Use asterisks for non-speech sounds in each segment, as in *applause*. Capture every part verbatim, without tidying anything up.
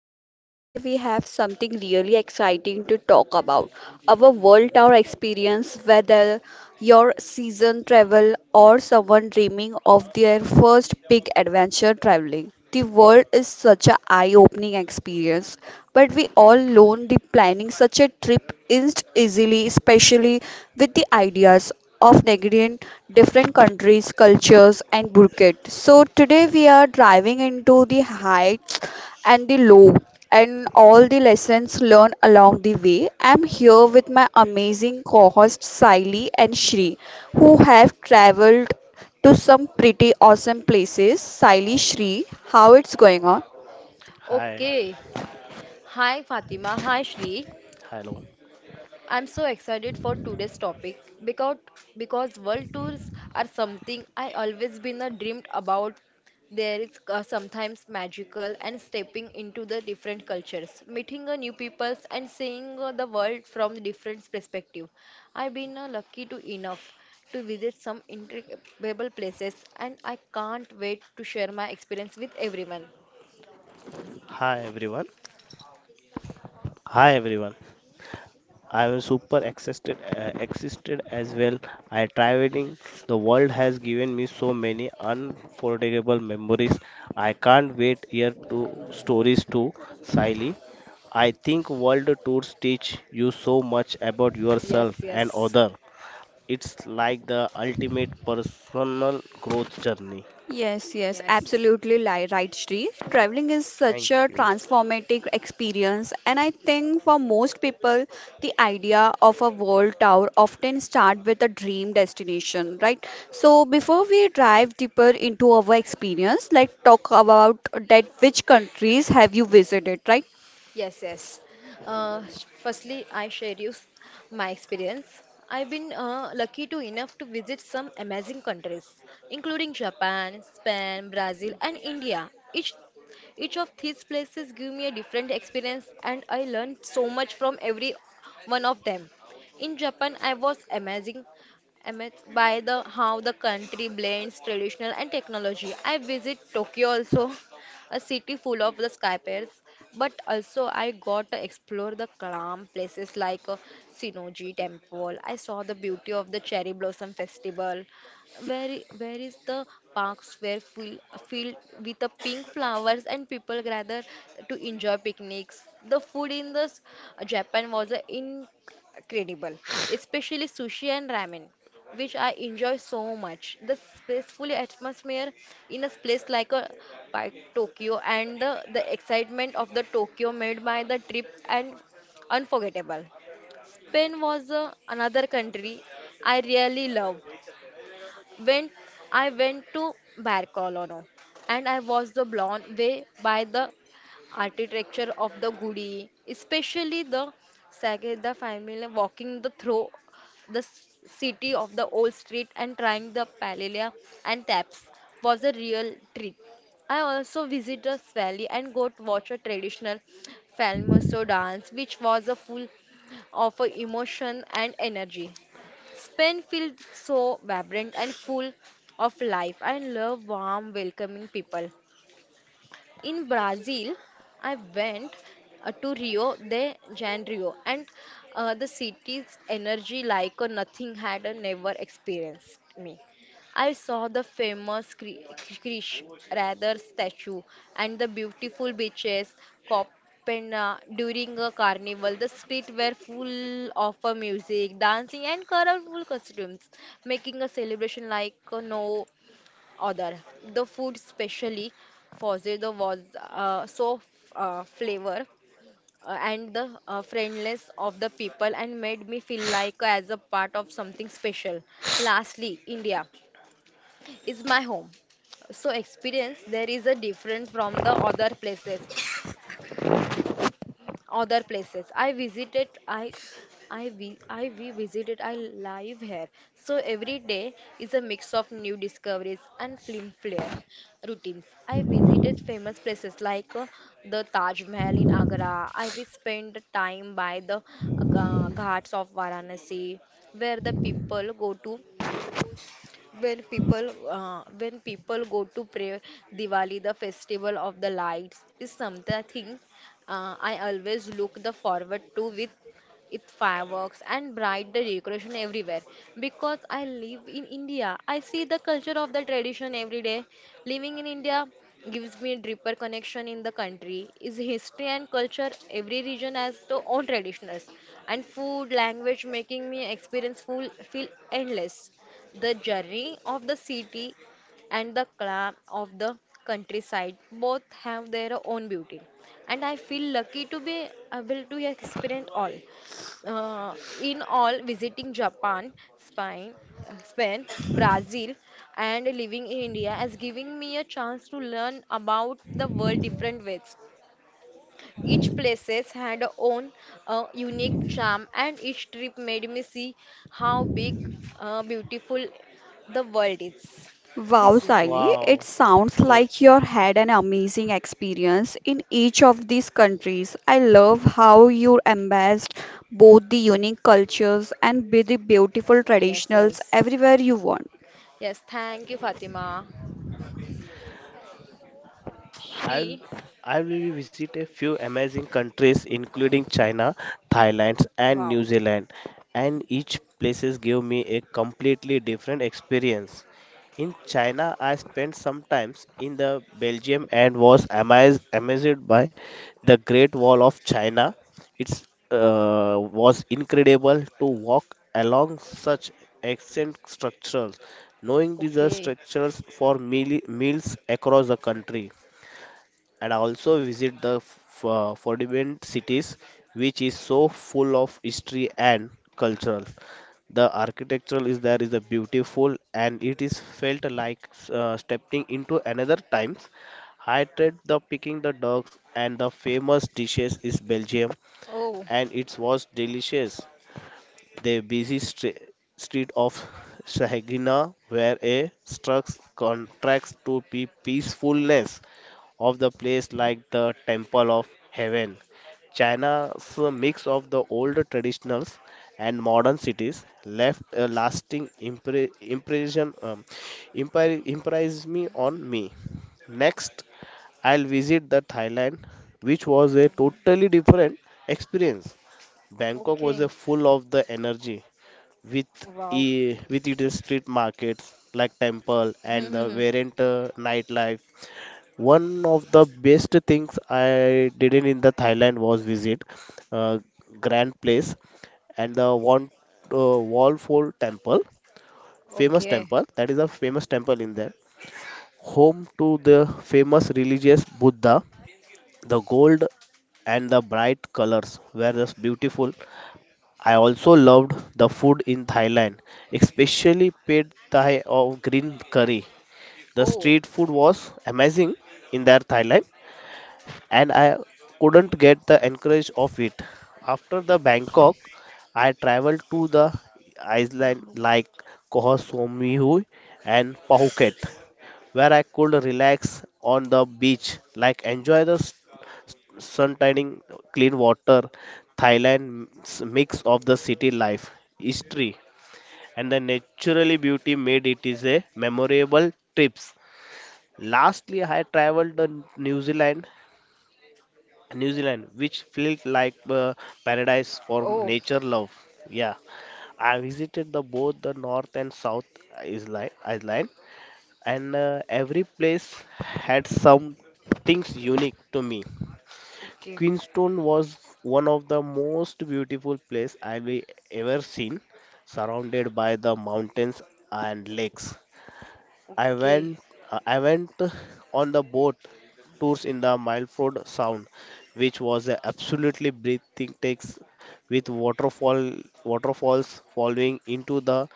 podcast. Today we have something really exciting to talk about, our world tour experience, whether your season travel or someone dreaming of their first big adventure traveling. The world is such an eye opening experience, but we all learn the planning such a trip isn't easily, especially with the ideas of Nigerian different countries, cultures, and Burkett. So today we are driving into the heights and the low and all the lessons learned along the way. I'm here with my amazing co-hosts Siley and Shri, who have traveled to some pretty awesome places. Siley, Shri, how it's going on? Hi, Okay. Hi Fatima. Hi Shri. hello, I'm so excited for today's topic because because world tours are something I always been a dreamed about. There is uh, sometimes magical and stepping into the different cultures, meeting a new peoples and seeing uh, the world from different perspective. I've been uh, lucky to enough to visit some incredible places and I can't wait to share my experience with everyone. hi everyone, hi everyone. I am super excited, uh, excited as well. I traveling. The world has given me so many unforgettable memories. I can't wait here to stories to Siley. I think world tours teach you so much about Yes, yourself and yes, other. It's like the ultimate personal growth journey. Yes, yes, yes. absolutely li- right, Shri. Traveling is Thank such a you. transformative experience, and I think for most people, the idea of a world tour often start with a dream destination, right? So before we dive deeper into our experience, let's talk about that, which countries have you visited, right? Yes, yes. Uh, sh- firstly, I share you s- my experience. I've been uh, lucky to enough to visit some amazing countries, including Japan, Spain, Brazil, and India. Each each of these places give me a different experience, and I learned so much from every one of them. In Japan, I was amazing amazed by the how the country blends traditional and technology. I visit Tokyo also *laughs* a city full of the skyscrapers, but also I got to explore the calm places like uh, Sinoji Temple. I saw the beauty of the cherry blossom festival. Where where is the parks were full filled with the pink flowers and people gather to enjoy picnics. The food in the s- Japan was uh, incredible, especially sushi and ramen which I enjoy so much. The peaceful atmosphere in a place like a like Tokyo and the, the excitement of the Tokyo made by the trip and unforgettable. Spain was uh, another country I really love when I went to Barcelona and I was the blown away by the architecture of the Gudi, especially the Sagrada Familia walking the through the s- city of the old street and trying the paella and taps was a real treat. I also visited the valley and got watch a traditional Falmaso dance, which was a full of a emotion and energy. Spain feels so vibrant and full of life. I love warm, welcoming people in Brazil, I went uh, to Rio de Janeiro, and uh, the city's energy like uh, nothing had uh, never experienced me. I saw the famous Cri- Crish rather statue and the beautiful beaches, Copena during a carnival. The streets were full of uh, music, dancing, and colorful costumes, making a celebration like uh, no other. The food, specially fozdo, was uh, so f- uh, flavor uh, and the uh, friendliness of the people and made me feel like as a part of something special. Lastly, India is my home so experience there is a different from the other places other places I visited I I we, I we visited I live here so every day is a mix of new discoveries and film flair routines I visited famous places like uh, the Taj Mahal in Agra I will spend time by the uh, ghats of Varanasi where the people go to when people uh, when people go to pray Diwali, the festival of the lights is something uh, I always look the forward to with it fireworks and bright the decoration everywhere because I live in India. I see the culture of the tradition every day. Living in India gives me deeper connection in the country. Is history and culture every region has their own traditions and food language making me experience full feel endless the journey of the city and the clam of the countryside both have their own beauty, and I feel lucky to be able to experience all. Uh, in all, visiting Japan, Spain, Spain, Brazil, and living in India has given me a chance to learn about the world different ways. Each places had own uh, unique charm, and each trip made me see how big, uh, beautiful the world is. Wow, This is Sally, it Wow, sounds good. like you had an amazing experience in each of these countries. I love how you embraced both the unique cultures and be the beautiful yes, traditionals yes, everywhere you went. yes. Thank you, Fatima. I Shri, I will visit a few amazing countries including China, Thailand and New wow. Zealand, and each places give me a completely different experience. In China I spent some times in the Belgium and was amazed amazed by the Great Wall of China. It's uh, was incredible to walk along such ancient structures, knowing these are Okay. structures for meal, meals across the country, and also visit the f- uh, forbidden cities, which is so full of history and cultural, the architectural is there is a beautiful, and it is felt like uh, stepping into another times. I tried the picking the dogs and the famous dishes is belgium, Oh, and it was delicious. The busy stre- street of Shahagina where a struck contracts to be peacefulness of the place like the Temple of Heaven. China's mix of the old traditionals and modern cities left a lasting impre- impression, um, impri- impress me on me. Next, I'll visit the Thailand, which was a totally different experience. Bangkok was a okay. full of the energy with Wow. *laughs* e- with its street markets like temple and the Hmm. variant uh, nightlife. One of the best things I did in in the Thailand was visit uh, Grand Place and the one uh, Wall Phol Temple, famous Okay. temple. That is a famous temple in there, home to the famous religious Buddha. The gold and the bright colors were just beautiful. I also loved the food in Thailand, especially pad thai of green curry. The Oh, street food was amazing in their Thailand, and I couldn't get the encourage of it. After the Bangkok, I traveled to the island like Koh Samui and Phuket, where I could relax on the beach, like enjoy the s- sun tanning, clean water. Thailand's mix of the city life, history, and the naturally beauty made it is a memorable trips. Lastly, I traveled to New Zealand New Zealand, which felt like uh, paradise for oh. nature love. Yeah, I visited the both the North and South Island, Island, and uh, every place had some things unique to me. Okay. Queenstown was one of the most beautiful place I've ever seen, surrounded by the mountains and lakes. I Okay. went I went on the boat tours in the Milford Sound, which was a absolutely breathtaking takes with waterfall waterfalls falling into the.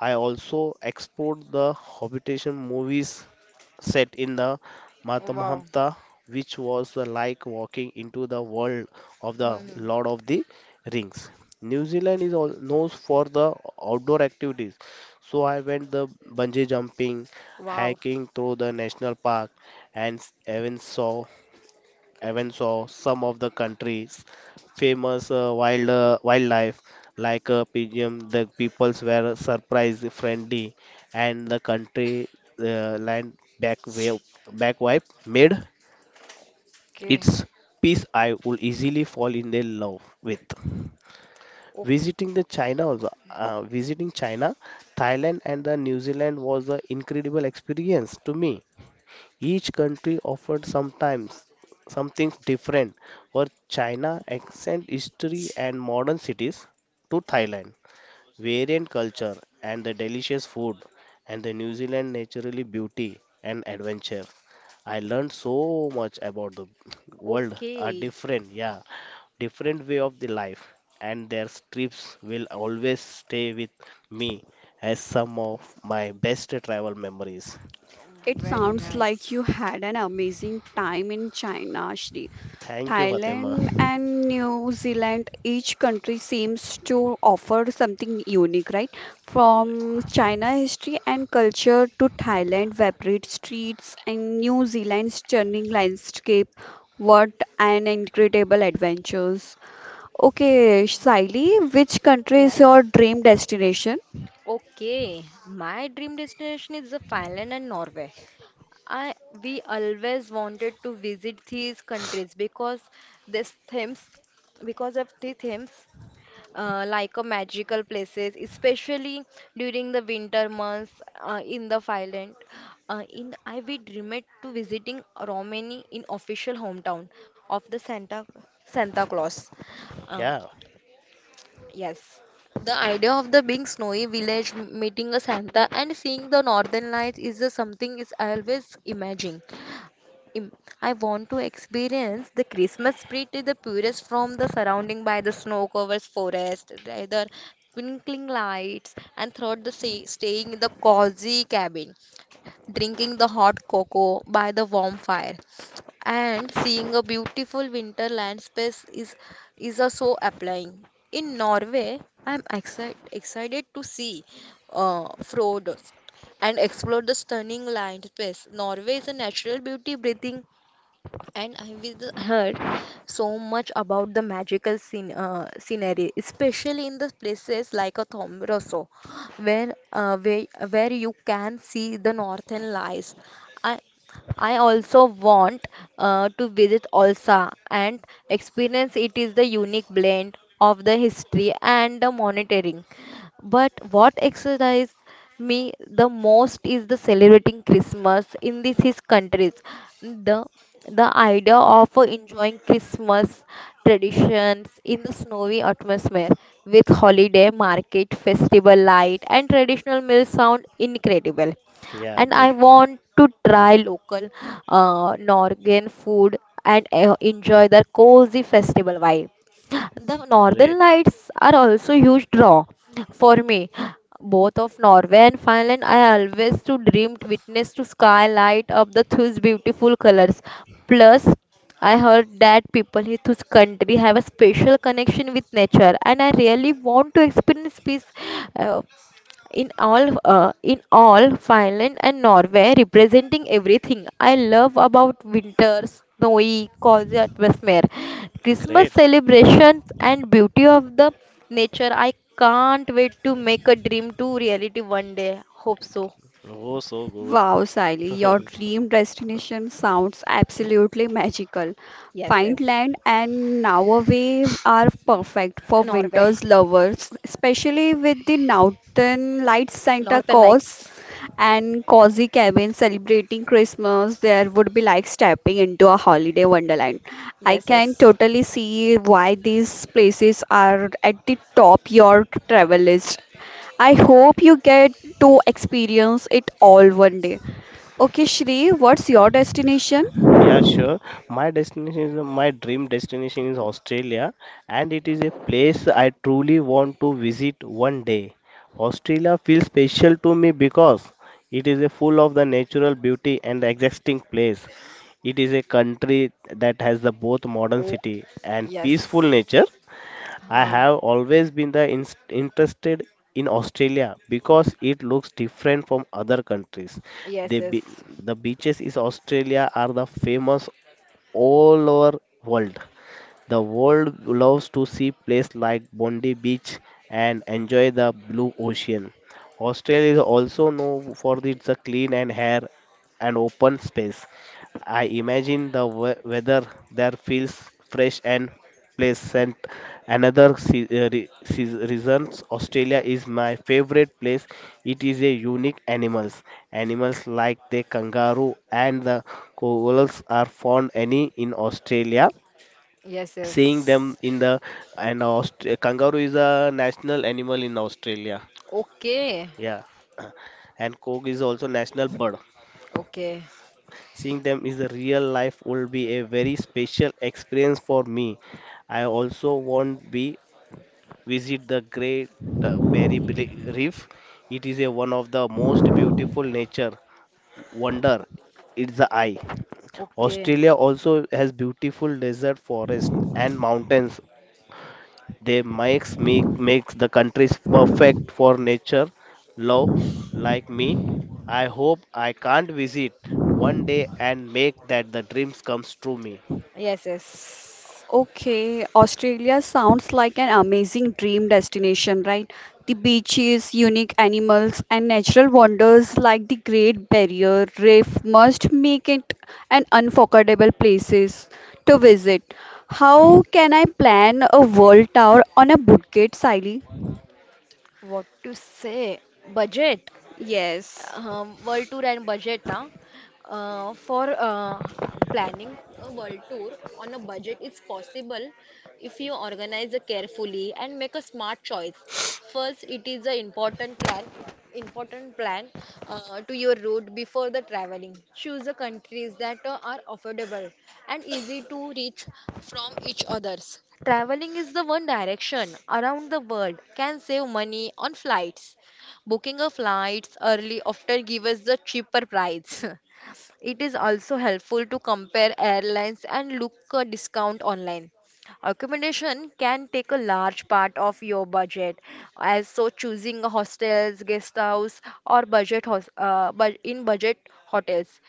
I also explored the habitation movies set in the Wow. Matamhamta, which was uh, like walking into the world of *laughs* the Hmm. Lord of the Rings. New Zealand is all known for the outdoor activities, so I went the bungee jumping, Wow. hiking through the national park, and s- even saw even saw some of the country's famous uh, wild uh, wildlife like uh, pigeon. The peoples were surprise friendly, and the country uh, land back wave back wipe made Okay. its peace. I would easily fall in their love with O- visiting the china, also uh, visiting china, thailand and the new zealand was an incredible experience to me. Each country offered sometimes something different. For China, ancient history and modern cities. To Thailand, variant culture and the delicious food. And the New Zealand, naturally beauty and adventure. I learned so much about the world. A Okay. different, yeah, different way of the life. And their trips will always stay with me as some of my best travel memories. It Very sounds like nice. you had an amazing time in China, Shri. Thank you, Fatima. Thailand and New Zealand, each country seems to offer something unique, right? *laughs* From China history and culture to Thailand vibrant streets and New Zealand's stunning landscape. What an incredible adventures. Okay, Saili, which country is your Yes. dream destination? Okay, my dream destination is the Finland and Norway. I we always wanted to visit these countries because these themes, because of the themes, uh, like a magical places, especially during the winter months uh, in the Finland. Uh, in I we dreamed to visiting Romania in official hometown of the Santa Santa Claus. Um, Yeah, Yes. The idea of the big snowy village m- meeting a Santa and seeing the northern lights is a something is I always imagine. Im- I want to experience the Christmas spirit is the purest from the surrounding by the snow-covered forest, rather twinkling lights, and throughout the stay, staying in the cozy cabin, drinking the hot cocoa by the warm fire and seeing a beautiful winter landscape is is also applying. In Norway, I'm excited excited to see uh, Frodo and explore the stunning landscape. Norway is a natural beauty breathing and I will heard so much about the magical scene, uh, scenery, especially in the places like a Thombroso, where uh, where where you can see the northern lights. I I also want uh, to visit Olsa and experience it is the unique blend of the history and the monitoring. But what exercise me the most is the celebrating Christmas in this his countries. The the idea of enjoying Christmas traditions in the snowy atmosphere with holiday market, festival light, and traditional meals sound incredible yeah, and I good, want to try local uh, Norwegian food and uh, enjoy the cozy festival vibe. The northern great, lights are also huge draw for me. Both of Norway and Finland, I always to dream witness to sky light up the those beautiful colors. Plus, I heard that people in this country have a special connection with nature, and I really want to experience peace, uh, in all uh, in all Finland and Norway representing everything I love about winter snowy cozy atmosphere Christmas great. celebrations and beauty of the nature I can't wait to make a dream to reality one day hope so. Oh, so good. Wow, Sally, your *laughs* dream destination sounds absolutely magical. Yes, yes. Fineland and Norway are perfect for Norway winters lovers, especially with the Northern Lights Santa Northern Claus Lights and cozy cabin celebrating Christmas, there would be like stepping into a holiday wonderland. I Yes, can yes. totally see why these places are at the top your travel list. I hope you get to experience it all one day. Okay, Shri, what's your destination? Yeah, sure. My destination is my dream destination is Australia, and it is a place I truly want to visit one day. Australia feels special to me because it is a full of the natural beauty and existing place. It is a country that has the both modern Oh, city and yes. peaceful nature. I Uh, have always been the in- interested in Australia because it looks different from other countries. yes, The yes. be- the beaches in Australia are the famous all over world. The world loves to see places like Bondi Beach and enjoy the blue ocean. Australia is also known for its clean and air and open space. I imagine the we- weather there feels fresh and pleasant. Another se- uh, re- se- reasons Australia is my favorite place. It is a unique animals. Animals like the kangaroo and the koalas are found any in Australia, Yes, seeing yes. them in the, and Aust- kangaroo is a national animal in Australia. Okay. Yeah, *clears throat* and cock is also national bird. Okay. Seeing them is a real life will be a very special experience for me. I also want be visit the Great uh, Barrier Bli- Reef. It is a one of the most beautiful nature wonder. It's the eye. Okay. Australia also has beautiful desert forest and mountains. They makes me makes the countries perfect for nature love like me. I hope I can't visit one day and make that the dreams comes true me. Yes, yes. Okay, Australia sounds like an amazing dream destination, right? The beaches, unique animals, and natural wonders like the Great Barrier Reef must make it an unforgettable places to visit. How can I plan a world tour on a budget, Siley? What to say? Budget. Yes. um, world tour and budget huh? uh, for uh, planning a world tour on a budget is possible if you organize it carefully and make a smart choice first it is an important plan important plan uh, to your route before the traveling choose the countries that uh, are affordable and easy to reach from each others traveling is the one direction around the world can save money on flights. Booking of flights early often gives us the cheaper price. *laughs* It is also helpful to compare airlines and look a discount online. Accommodation can take a large part of your budget, as so choosing a hostels, guest house, or budget hos- uh, bud- in budget hotels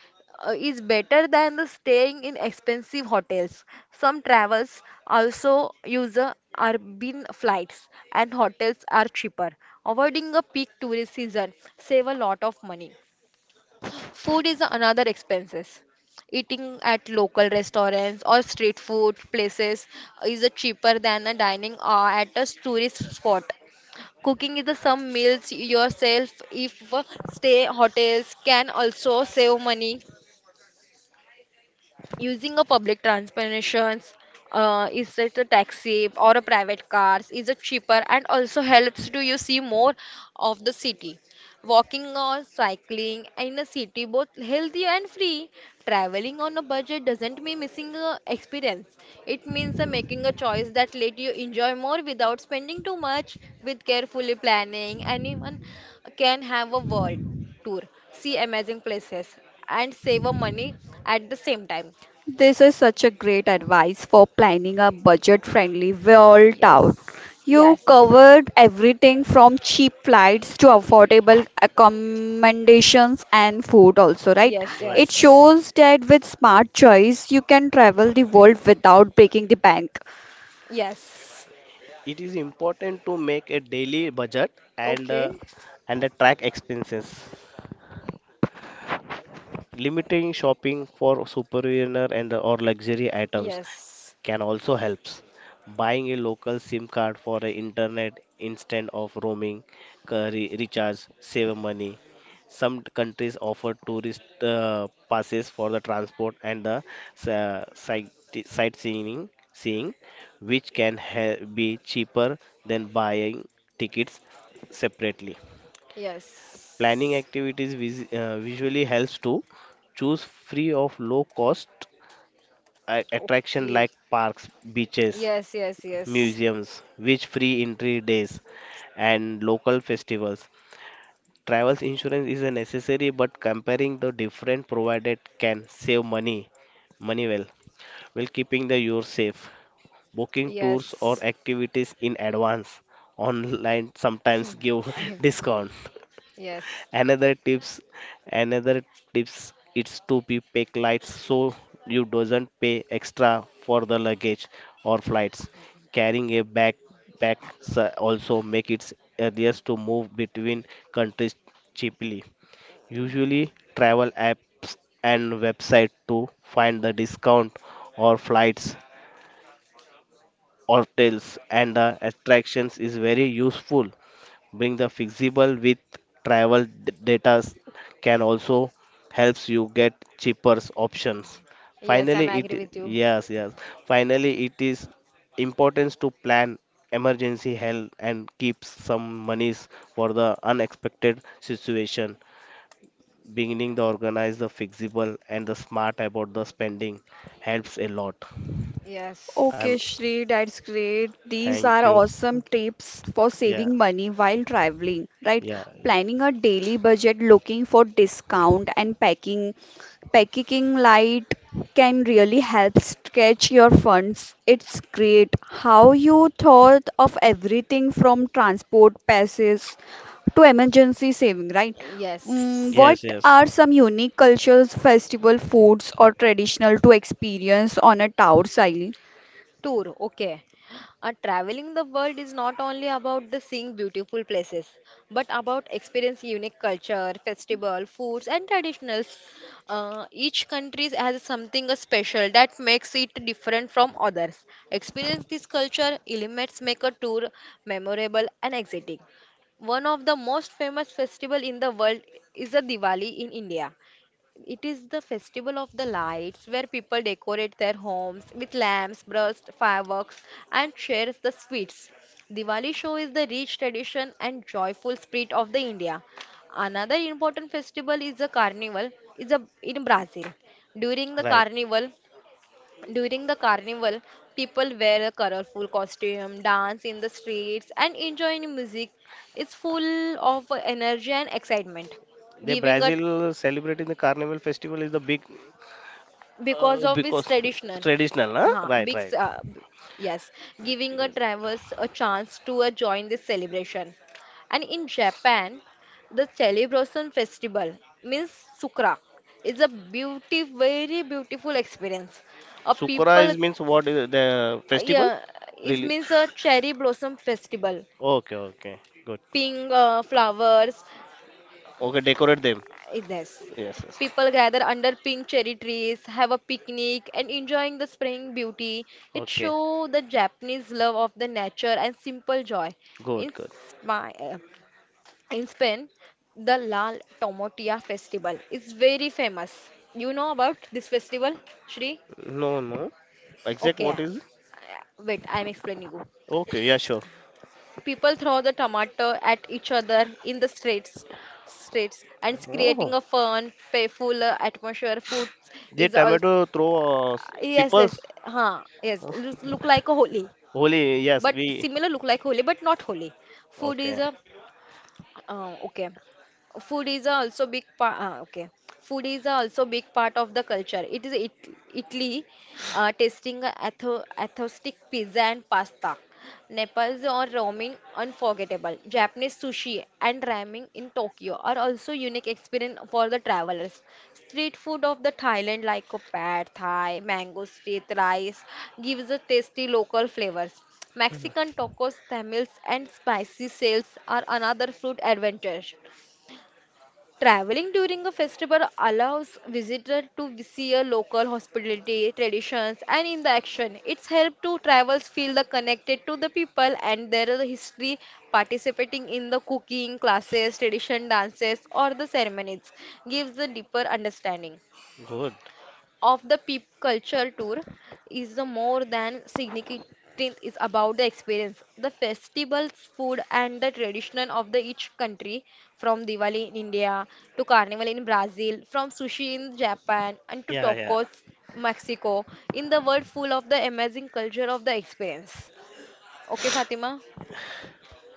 uh, is better than the staying in expensive hotels. Some travels also use uh, urban flights, and hotels are cheaper. Avoiding a peak tourist season save a lot of money. Food is another expenses. Eating at local restaurants or street food places is a cheaper than a dining uh, at a tourist spot. Cooking is the some meals yourself if uh, stay hotels can also save money. Using a public transportation, uh, is it a taxi or a private cars, is it cheaper and also helps to you see more of the city. Walking or cycling in a city, both healthy and free. Traveling on a budget doesn't mean missing a experience. It means uh, making a choice that let you enjoy more without spending too much. With carefully planning, anyone can have a world tour, see amazing places, and save a money at the same time. This is such a great advice for planning a budget-friendly world tour. Yes. You Yes. covered everything from cheap flights to affordable accommodations and food also, right? Yes. Right, It right. Yes. shows that with smart choice you can travel the world without breaking the bank. Yes. It is important to make a daily budget and uh, Okay. and uh, track expenses, limiting shopping for superior and or luxury items Yes. can also helps. Buying a local SIM card for a internet instead of roaming uh, re- recharge save money. Some countries offer tourist uh, passes for the transport and the uh, sight- sightseeing, seeing, which can ha- be cheaper than buying tickets separately. Yes. Planning Yes. activities vis- uh, visually helps to choose free of low cost a- attraction Okay. like parks, beaches, Yes. Yes. Yes. museums, which free entry days, and local festivals. Travel insurance is a necessary, but comparing the different provided can save money, money well, while keeping the yours safe. Booking tours or Yes. activities in advance online sometimes Hmm. *laughs* give *laughs* discount. Yes. Another tips, another tips, it's to be pack light so you doesn't pay extra for the luggage or flights. Carrying a backpack s- also make it easiest to move between countries cheaply. Usually, travel apps and website to find the discount or flights, hotels and the attractions is very useful. Bring the fixable with travel d- data s- can also helps you get cheaper options. Yes. Finally, I'm it agree i- with you. yes yes. Finally, it is importance to plan emergency help and keep some monies for the unexpected situation. Beginning the organize the flexible and the smart about the spending helps a lot. I'm Okay, Yes. Shri, that's great. These thank are you. awesome tips for Yeah saving money while traveling, right? yeah Planning a daily budget, looking for discount, and packing packing light can really help stretch your funds. It's great how you thought of everything from transport passes to emergency saving, right? Mm, Yes. what yes yes are some unique cultures, festival foods, or traditional to experience on a tour, Siley? Tour, okay. Uh, traveling the world is not only about the seeing beautiful places, but about experiencing unique culture, festival, foods, and traditionals. Uh, each country has something uh, special that makes it different from others. Experience this culture elements make a tour memorable and exciting. One of the most famous festival in the world is the Diwali in India. It is the festival of the lights where people decorate their homes with lamps, burst, fireworks, and shares the sweets. Diwali show is the rich tradition and joyful spirit of the India. Another important festival is the carnival is a, in Brazil. During the right. carnival, during the carnival, people wear a colorful costume, dance in the streets, and enjoy music. It's full of energy and excitement The giving a Brazil celebrating the Carnival festival is the big because uh, of its because traditional traditional, huh? huh, Right, big, right. s- uh, b- yes giving a travelers a chance to uh, join this celebration and in japan the celebration festival means sukrak is a beauty very beautiful experience a Sukura people is means what is the uh, festival? yeah it Really? means a cherry blossom festival Okay, okay, good. pink uh, flowers. Okay, decorate them. Yes. Yes, yes. People gather under pink cherry trees, have a picnic, and enjoying the spring beauty. It Okay, shows the Japanese love of the nature and simple joy. In, good, good. Spa- uh, in Spain, the La Tomatia festival is very famous. You know about this festival, Shri? No, no. Exact Okay, uh, what is? wait, I'm explaining you. Okay, yeah, sure. People throw the tomato at each other in the streets, streets, and it's creating Oh, a fun, playful uh, atmosphere. Food the is also tomato throw uh, s- yes, yes, peoples. huh, yes. Oh, Look, look like a holy, Holy, yes, but we. similar look like holy, but not holy. Food is Okay, a uh, okay. Food is also big part. Uh, okay. Food is also big part of the culture. It is it Italy uh, tasting a autho- authentic pizza and pasta. Nepal's or ramen unforgettable. Japanese sushi and ramen in Tokyo are also unique experience for the travelers. Street food of the Thailand like a pad thai, mango street rice gives a tasty local flavors. Mexican tacos, tamales and spicy sales are another food advantage. Traveling during a festival allows visitors to see a local hospitality, traditions and in the action. It's helped to travelers feel the connected to the people and their history participating in the cooking classes, tradition dances or the ceremonies gives a deeper understanding good. of the peep culture tour is the more than significant is about the experience the festivals food and the tradition of the each country from diwali in india to carnival in brazil from sushi in japan and to Yeah, yeah. tacos mexico in the world full of the amazing culture of the experience okay fatima.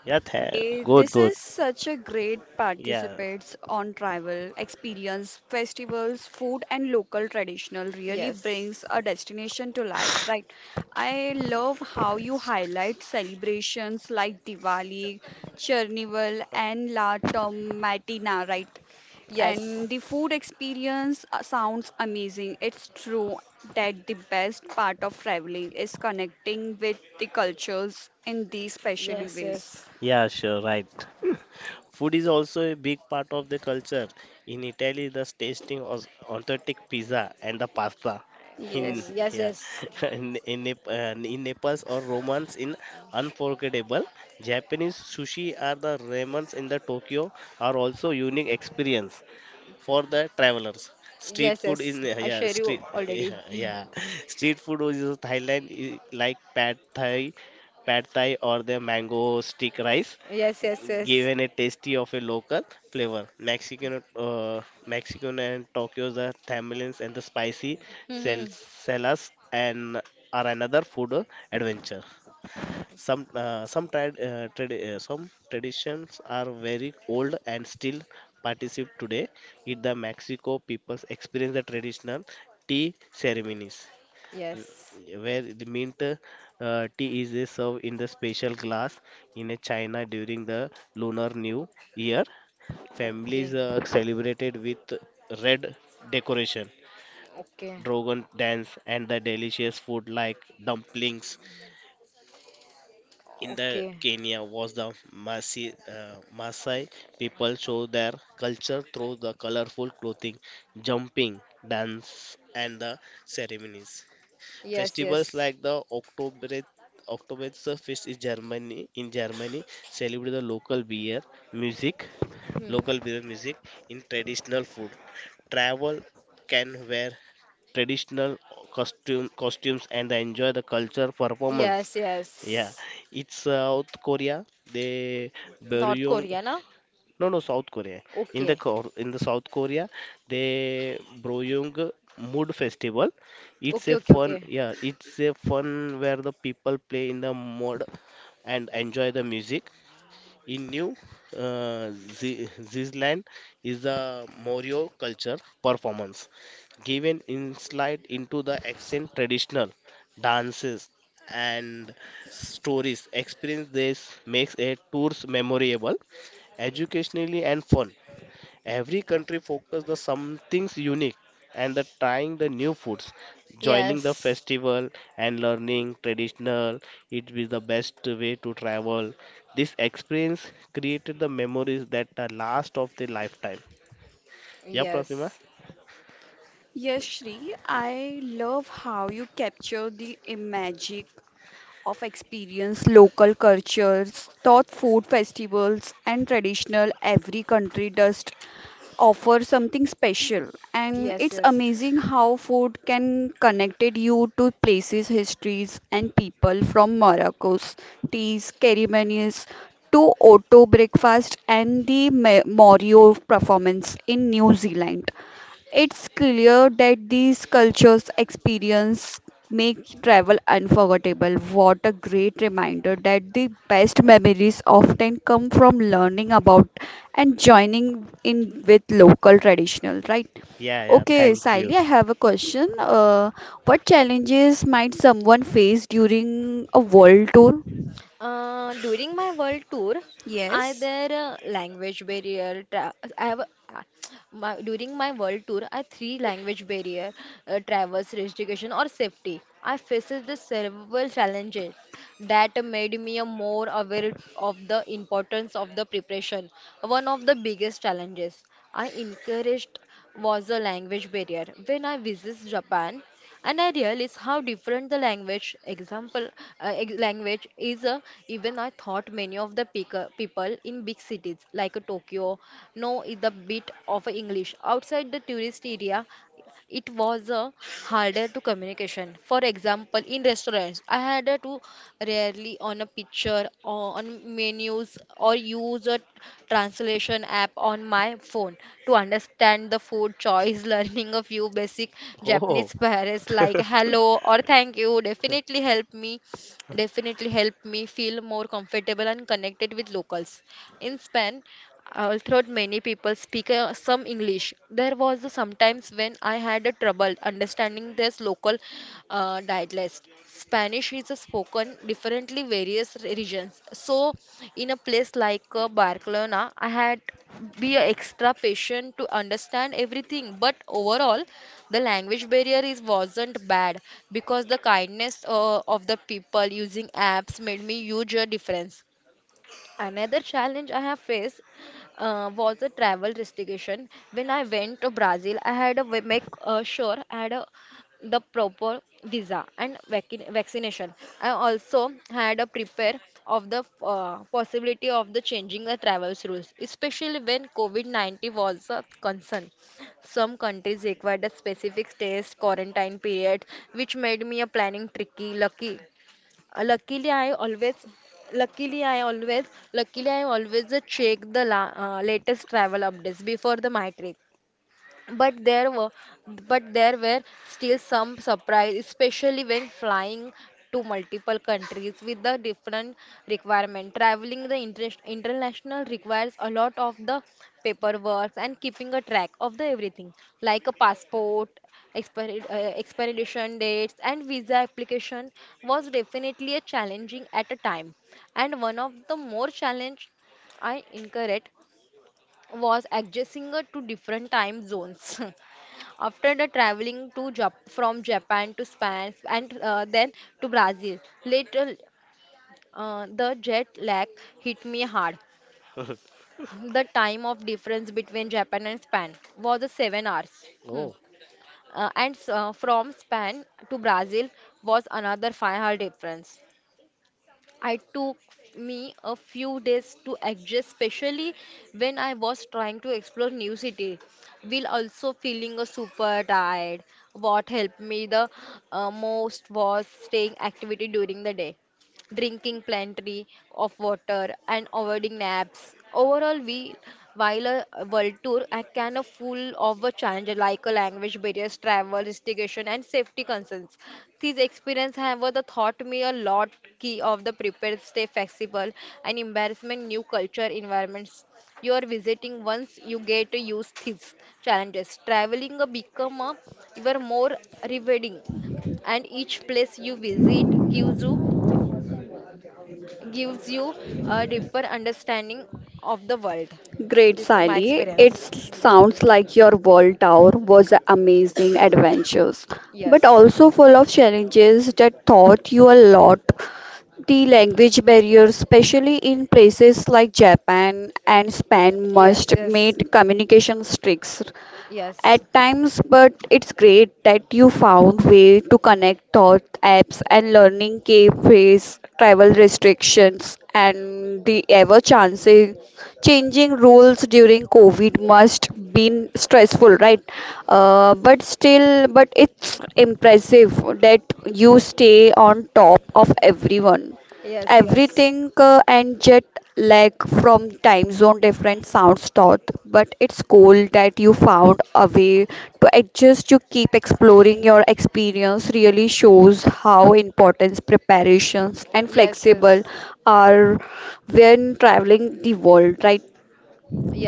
Yeah, tha- Eh, good, This good. is such a great Yeah, participates on travel, experience, festivals, food and local traditional really Yes. brings a destination to life, right? I love how you highlight celebrations like Diwali, Chernival and La Tomatina, right? Yes. And the food experience uh, sounds amazing. It's true that the best part of traveling is connecting with the cultures in these special Yes, ways. yes. yeah, sure, right. *laughs* Food is also a big part of the culture. In Italy, the tasting of authentic pizza and the pasta. In Oh, Yes, yes, yeah, yes. *laughs* in in, Nep- uh, in Naples or Romans in unforgettable. Japanese sushi are the ramens in the Tokyo are also unique experience for the travelers. Street Yes, food in yes. I yeah share you street *laughs* already. yeah, *laughs* yeah. Street food is Thailand is like pad Thai, pad Thai or the mango stick rice, Yes, yes, yes. given a tasty of a local flavor. Mexican, uh, Mexican and Tokyo's the tamales and the spicy sel- Hmm. sellers and are another food adventure. Some uh, some trad uh, trad- uh, some traditions are very old and still participate today. In the Mexico, people experience the traditional tea ceremonies Yes. where the mint uh, tea is uh, served in the special glass in a China during the Lunar New Year. Okay. Families uh, celebrated with red decoration, Okay. dragon dance, and the delicious food like dumplings. In the Okay. Kenya was the Maasai, uh, Maasai people show their culture through the colorful clothing, jumping, dance, and the ceremonies. Yes, Festivals yes. like the Oktober Oktoberfest is Germany in Germany celebrate the local beer music, Hmm. local beer music in traditional food. Travel can wear traditional costume costumes and enjoy the culture performance. Yes, Yeah, yes. it's South Korea. They North Beryong Korea, na? no, no, South Korea. In the Okay. Kor- in the South Korea, they Broyung Mood Festival. It's Okay, a okay, fun, okay. Yeah, it's a fun where the people play in the mud and enjoy the music. In New uh, Ze- Zealand is the Morio culture performance, giving insight into the ancient traditional dances and stories. Experience this makes a tours memorable, educationally and fun. Every country focus the something's unique and the trying the new foods, joining the Yes. festival and learning traditional. It is the best way to travel. This experience created the memories that the last of the lifetime. Yeah, Pratima. Yes. yes, Shri. I love how you capture the i- magic of experience, local cultures, thought food festivals, and traditional. Every country does offer something special, and Yes, it's yes. amazing how food can connected you to places, histories, and people from Morocco's teas, ceremonies to auto breakfast and the Ma- Morio performance in New Zealand. It's clear that these cultures' experience make travel unforgettable. What a great reminder that the best memories often come from learning about and joining in with local traditional, right? Yeah, yeah. Okay, Thank you. Sally, I have a question. Uh, what challenges might someone face during a world tour? Uh, during my world tour, I Yes. there uh, language barrier. Tra I have a- yeah, my, during my world tour, I three language barrier, uh, traverse restriction or safety. I faced the several challenges that made me a more aware of the importance of the preparation. One of the biggest challenges I encouraged was the language barrier. When I visit Japan, an ideal is how different the language example uh, ex- language is. Uh, even I thought many of the picker, people in big cities like uh, Tokyo know is the bit of English outside the tourist area it was uh, harder to communication. For example, in restaurants, I had uh, to rarely on a picture, or on menus, or use a translation app on my phone to understand the food choice. *laughs* Learning a few basic Oh, Japanese phrases like hello or thank you definitely helped me definitely helped me feel more comfortable and connected with locals. In Spain, although many people speak uh, some English, there was the sometimes when I had a trouble understanding this local uh, dialect. Spanish is spoken differently various regions. So, in a place like uh, Barcelona, I had be a extra patient to understand everything. But overall, the language barrier is wasn't bad because the kindness uh, of the people using apps made me huge a difference. Another challenge I have faced uh, was the travel restriction. When I went to Brazil, I had to make uh, sure I had a, the proper visa and vac- vaccination. I also had to prepare of the uh, possibility of the changing the travel rules, especially when COVID nineteen was a concern. Some countries required a specific test quarantine period, which made me a planning tricky. Lucky uh, luckily I always luckily I always luckily I always check the la uh, latest travel updates before the my trip but there were, but there were still some surprise, especially when flying to multiple countries with the different requirement. Traveling the inter international requires a lot of the paperwork and keeping a track of the everything, like a passport, expired, uh, expiration dates, and visa application was definitely a challenging at a time. And one of the more challenge I incurred was adjusting uh, to different time zones. *laughs* After the traveling to Jap- from Japan to Spain and uh, then to Brazil, later uh, the jet lag hit me hard. *laughs* The time of difference between Japan and Spain was a seven hours. Hmm. oh, Uh, and uh, From Spain to Brazil was another five hour difference. I took me a few days to adjust, especially when I was trying to explore new city, while also feeling a super tired. What helped me the uh, most was staying activity during the day drinking plenty of water and avoiding naps. Overall, we while a world tour I can a full of a challenges like a language barriers, travel restriction, and safety concerns. These experience, however, the taught me a lot key of the prepared, stay flexible, and embarrassment new culture environments. You are visiting once you get to use these challenges. Traveling a become a even more rewarding, and each place you visit gives you gives you a deeper understanding of the world. Great, This is my Sally. It experience. s- sounds like your world tour was a amazing adventures, but Yes, also full of challenges that taught you a lot. The language barrier, especially in places like Japan and Spain, yes, must yes, made communication tricks yes, at times, but it's great that you found way to connect thought apps and learning cafes, travel restrictions, and the ever chancing changing rules during COVID must been stressful, right? Uh, but still, but it's impressive that you stay on top of everyone. yes, yes, Everything uh, and jet lag from time zone different sounds thought, but it's cool that you found a way to adjust you keep exploring your experience really shows how important preparations and flexible yes, are when traveling the world, right?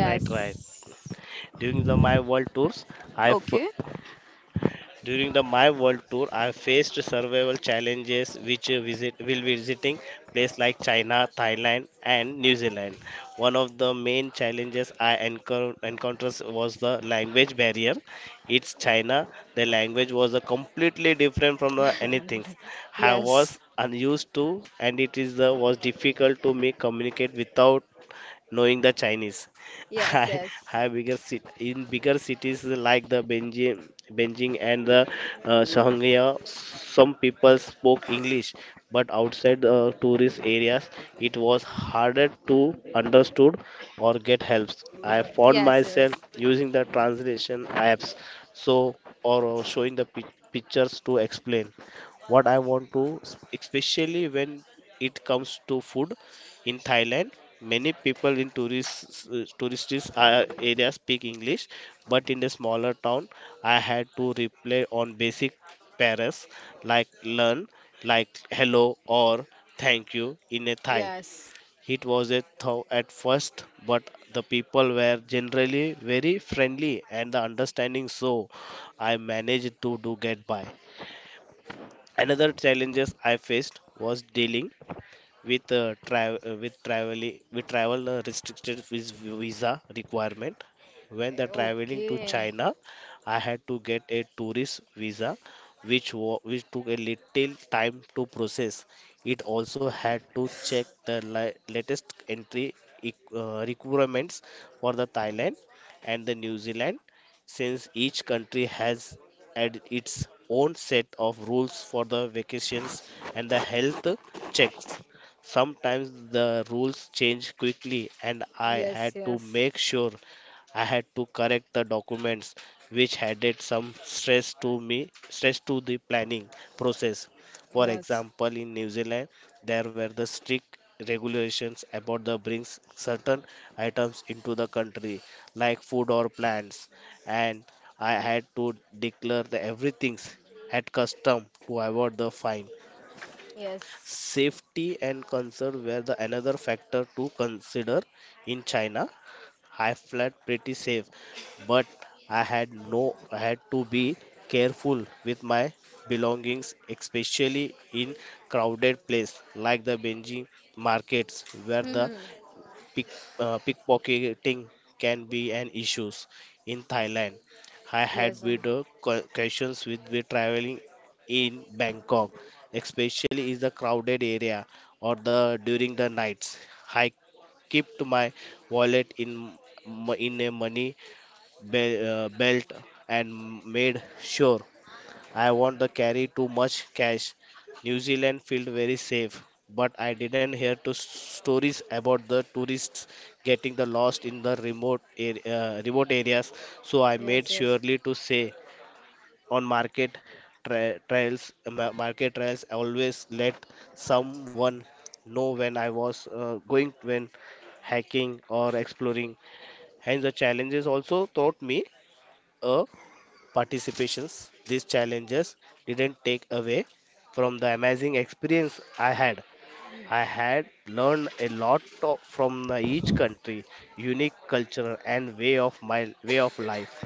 right, right. yes, During the my world tours, I f- Okay. During the My World Tour, I faced survival challenges which uh, visit will visiting places like China, Thailand, and New Zealand. One of the main challenges I encounter encounters was the language barrier. It's China. The language was a completely different from the anything I yes, was unused to, and it is the was difficult to me communicate without knowing the Chinese. *laughs* yes, I, yes, I bigger cit- in bigger cities like the Beijing, Beijing and the uh, Shanghai, some people spoke English, but outside uh, tourist areas, it was harder to understood or get helps. I found yes, myself yes, using the translation apps, so or uh, showing the pic- pictures to explain what I want to, especially when it comes to food in Thailand, many people in tourist tourist uh, areas speak English, but in the smaller town, I had to rely on basic pairs like learn, like hello or thank you in a Thai. yes. It was a thought at first, but the people were generally very friendly and the understanding, so I managed to do get by. Another challenges I faced was dealing with uh, tra- uh, with travel with travel uh, restricted vis- visa requirement when the traveling to Okay. china. I had to get a tourist visa, which wa- which took a little time to process. It also had to check the li- latest entry eq- uh, requirements for the thailand and the new zealand, since each country has had its own set of rules for the vacations and the health checks. Sometimes the rules changed quickly, and I Yes, had to yes, make sure I had to correct the documents, which added some stress to me, stress to the planning process. For yes, example, in New Zealand, there were the strict regulations about the brings certain items into the country, like food or plants, and I had to declare the everything at custom to avoid the fine. yes. Safety and concern were the another factor to consider. In China, I felt pretty safe, but I had no I had to be careful with my belongings, especially in crowded place like the Beijing markets where the Hmm. pick, uh, pickpocketing can be an issue in Thailand. I Yes, had uh, with uh, co- questions with with traveling in Bangkok, especially in the crowded area or the during the nights. I keep to my wallet in m- in a money be- uh, belt and made sure I want the carry too much cash. New Zealand felt very safe, but I didn't hear to s- stories about the tourists getting the lost in the remote ar- uh, remote areas. So I yes, made yes, surely to say on market tra- trials ma- market trials, always let someone know when I was uh, going when hiking or exploring. Hence the challenges also taught me participations, these challenges didn't take away from the amazing experience I had. I had learned a lot to- from the each country, unique culture and way of my way of life.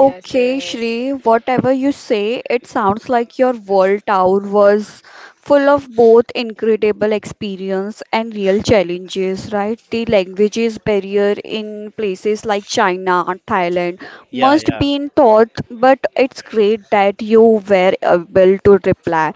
Okay, Shri, whatever you say, it sounds like your world tour was full of both incredible experience and real challenges, right? The languages barrier in places like China, Thailand Yeah, must yeah, be in thought, but it's great that you were able to reply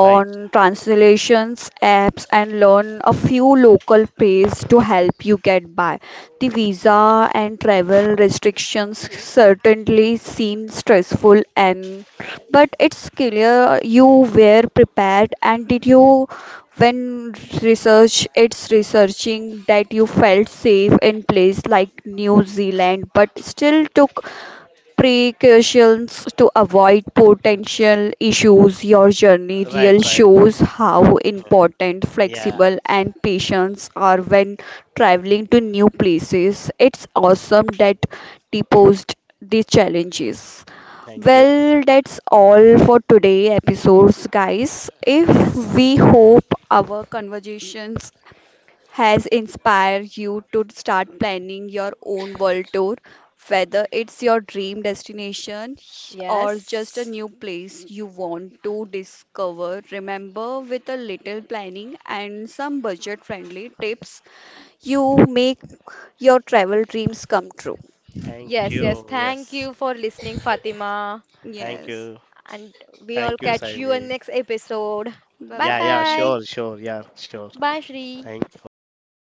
right, translations apps and learn a few local phrases to help you get by. The visa and travel restrictions certainly seem stressful and but it's clear you were prepared and did you when research it's researching that you felt safe in place like New Zealand but still took precautions to avoid potential issues. Your journey right, real right. shows how important Yeah, flexible and patience are when traveling to new places. It's awesome that deposed the challenges. thank you, Well, that's all for today episodes, guys. yes, If yes, we hope our conversations has inspired you to start planning your own world tour? Whether it's your dream destination or just a yes. new place you want to discover, remember with a little planning and some budget friendly tips, you make your travel dreams come true. thank Yes, yes. you. Thank you Yes, for listening, Fatima. thank Yes. you, And we all thank you, catch you in Siley. next episode. Bye Bye Yeah, yeah, bye. bye. sure, sure, yeah, sure. Bye, Shri. Thank. Okay, Bye, bye. Fatima.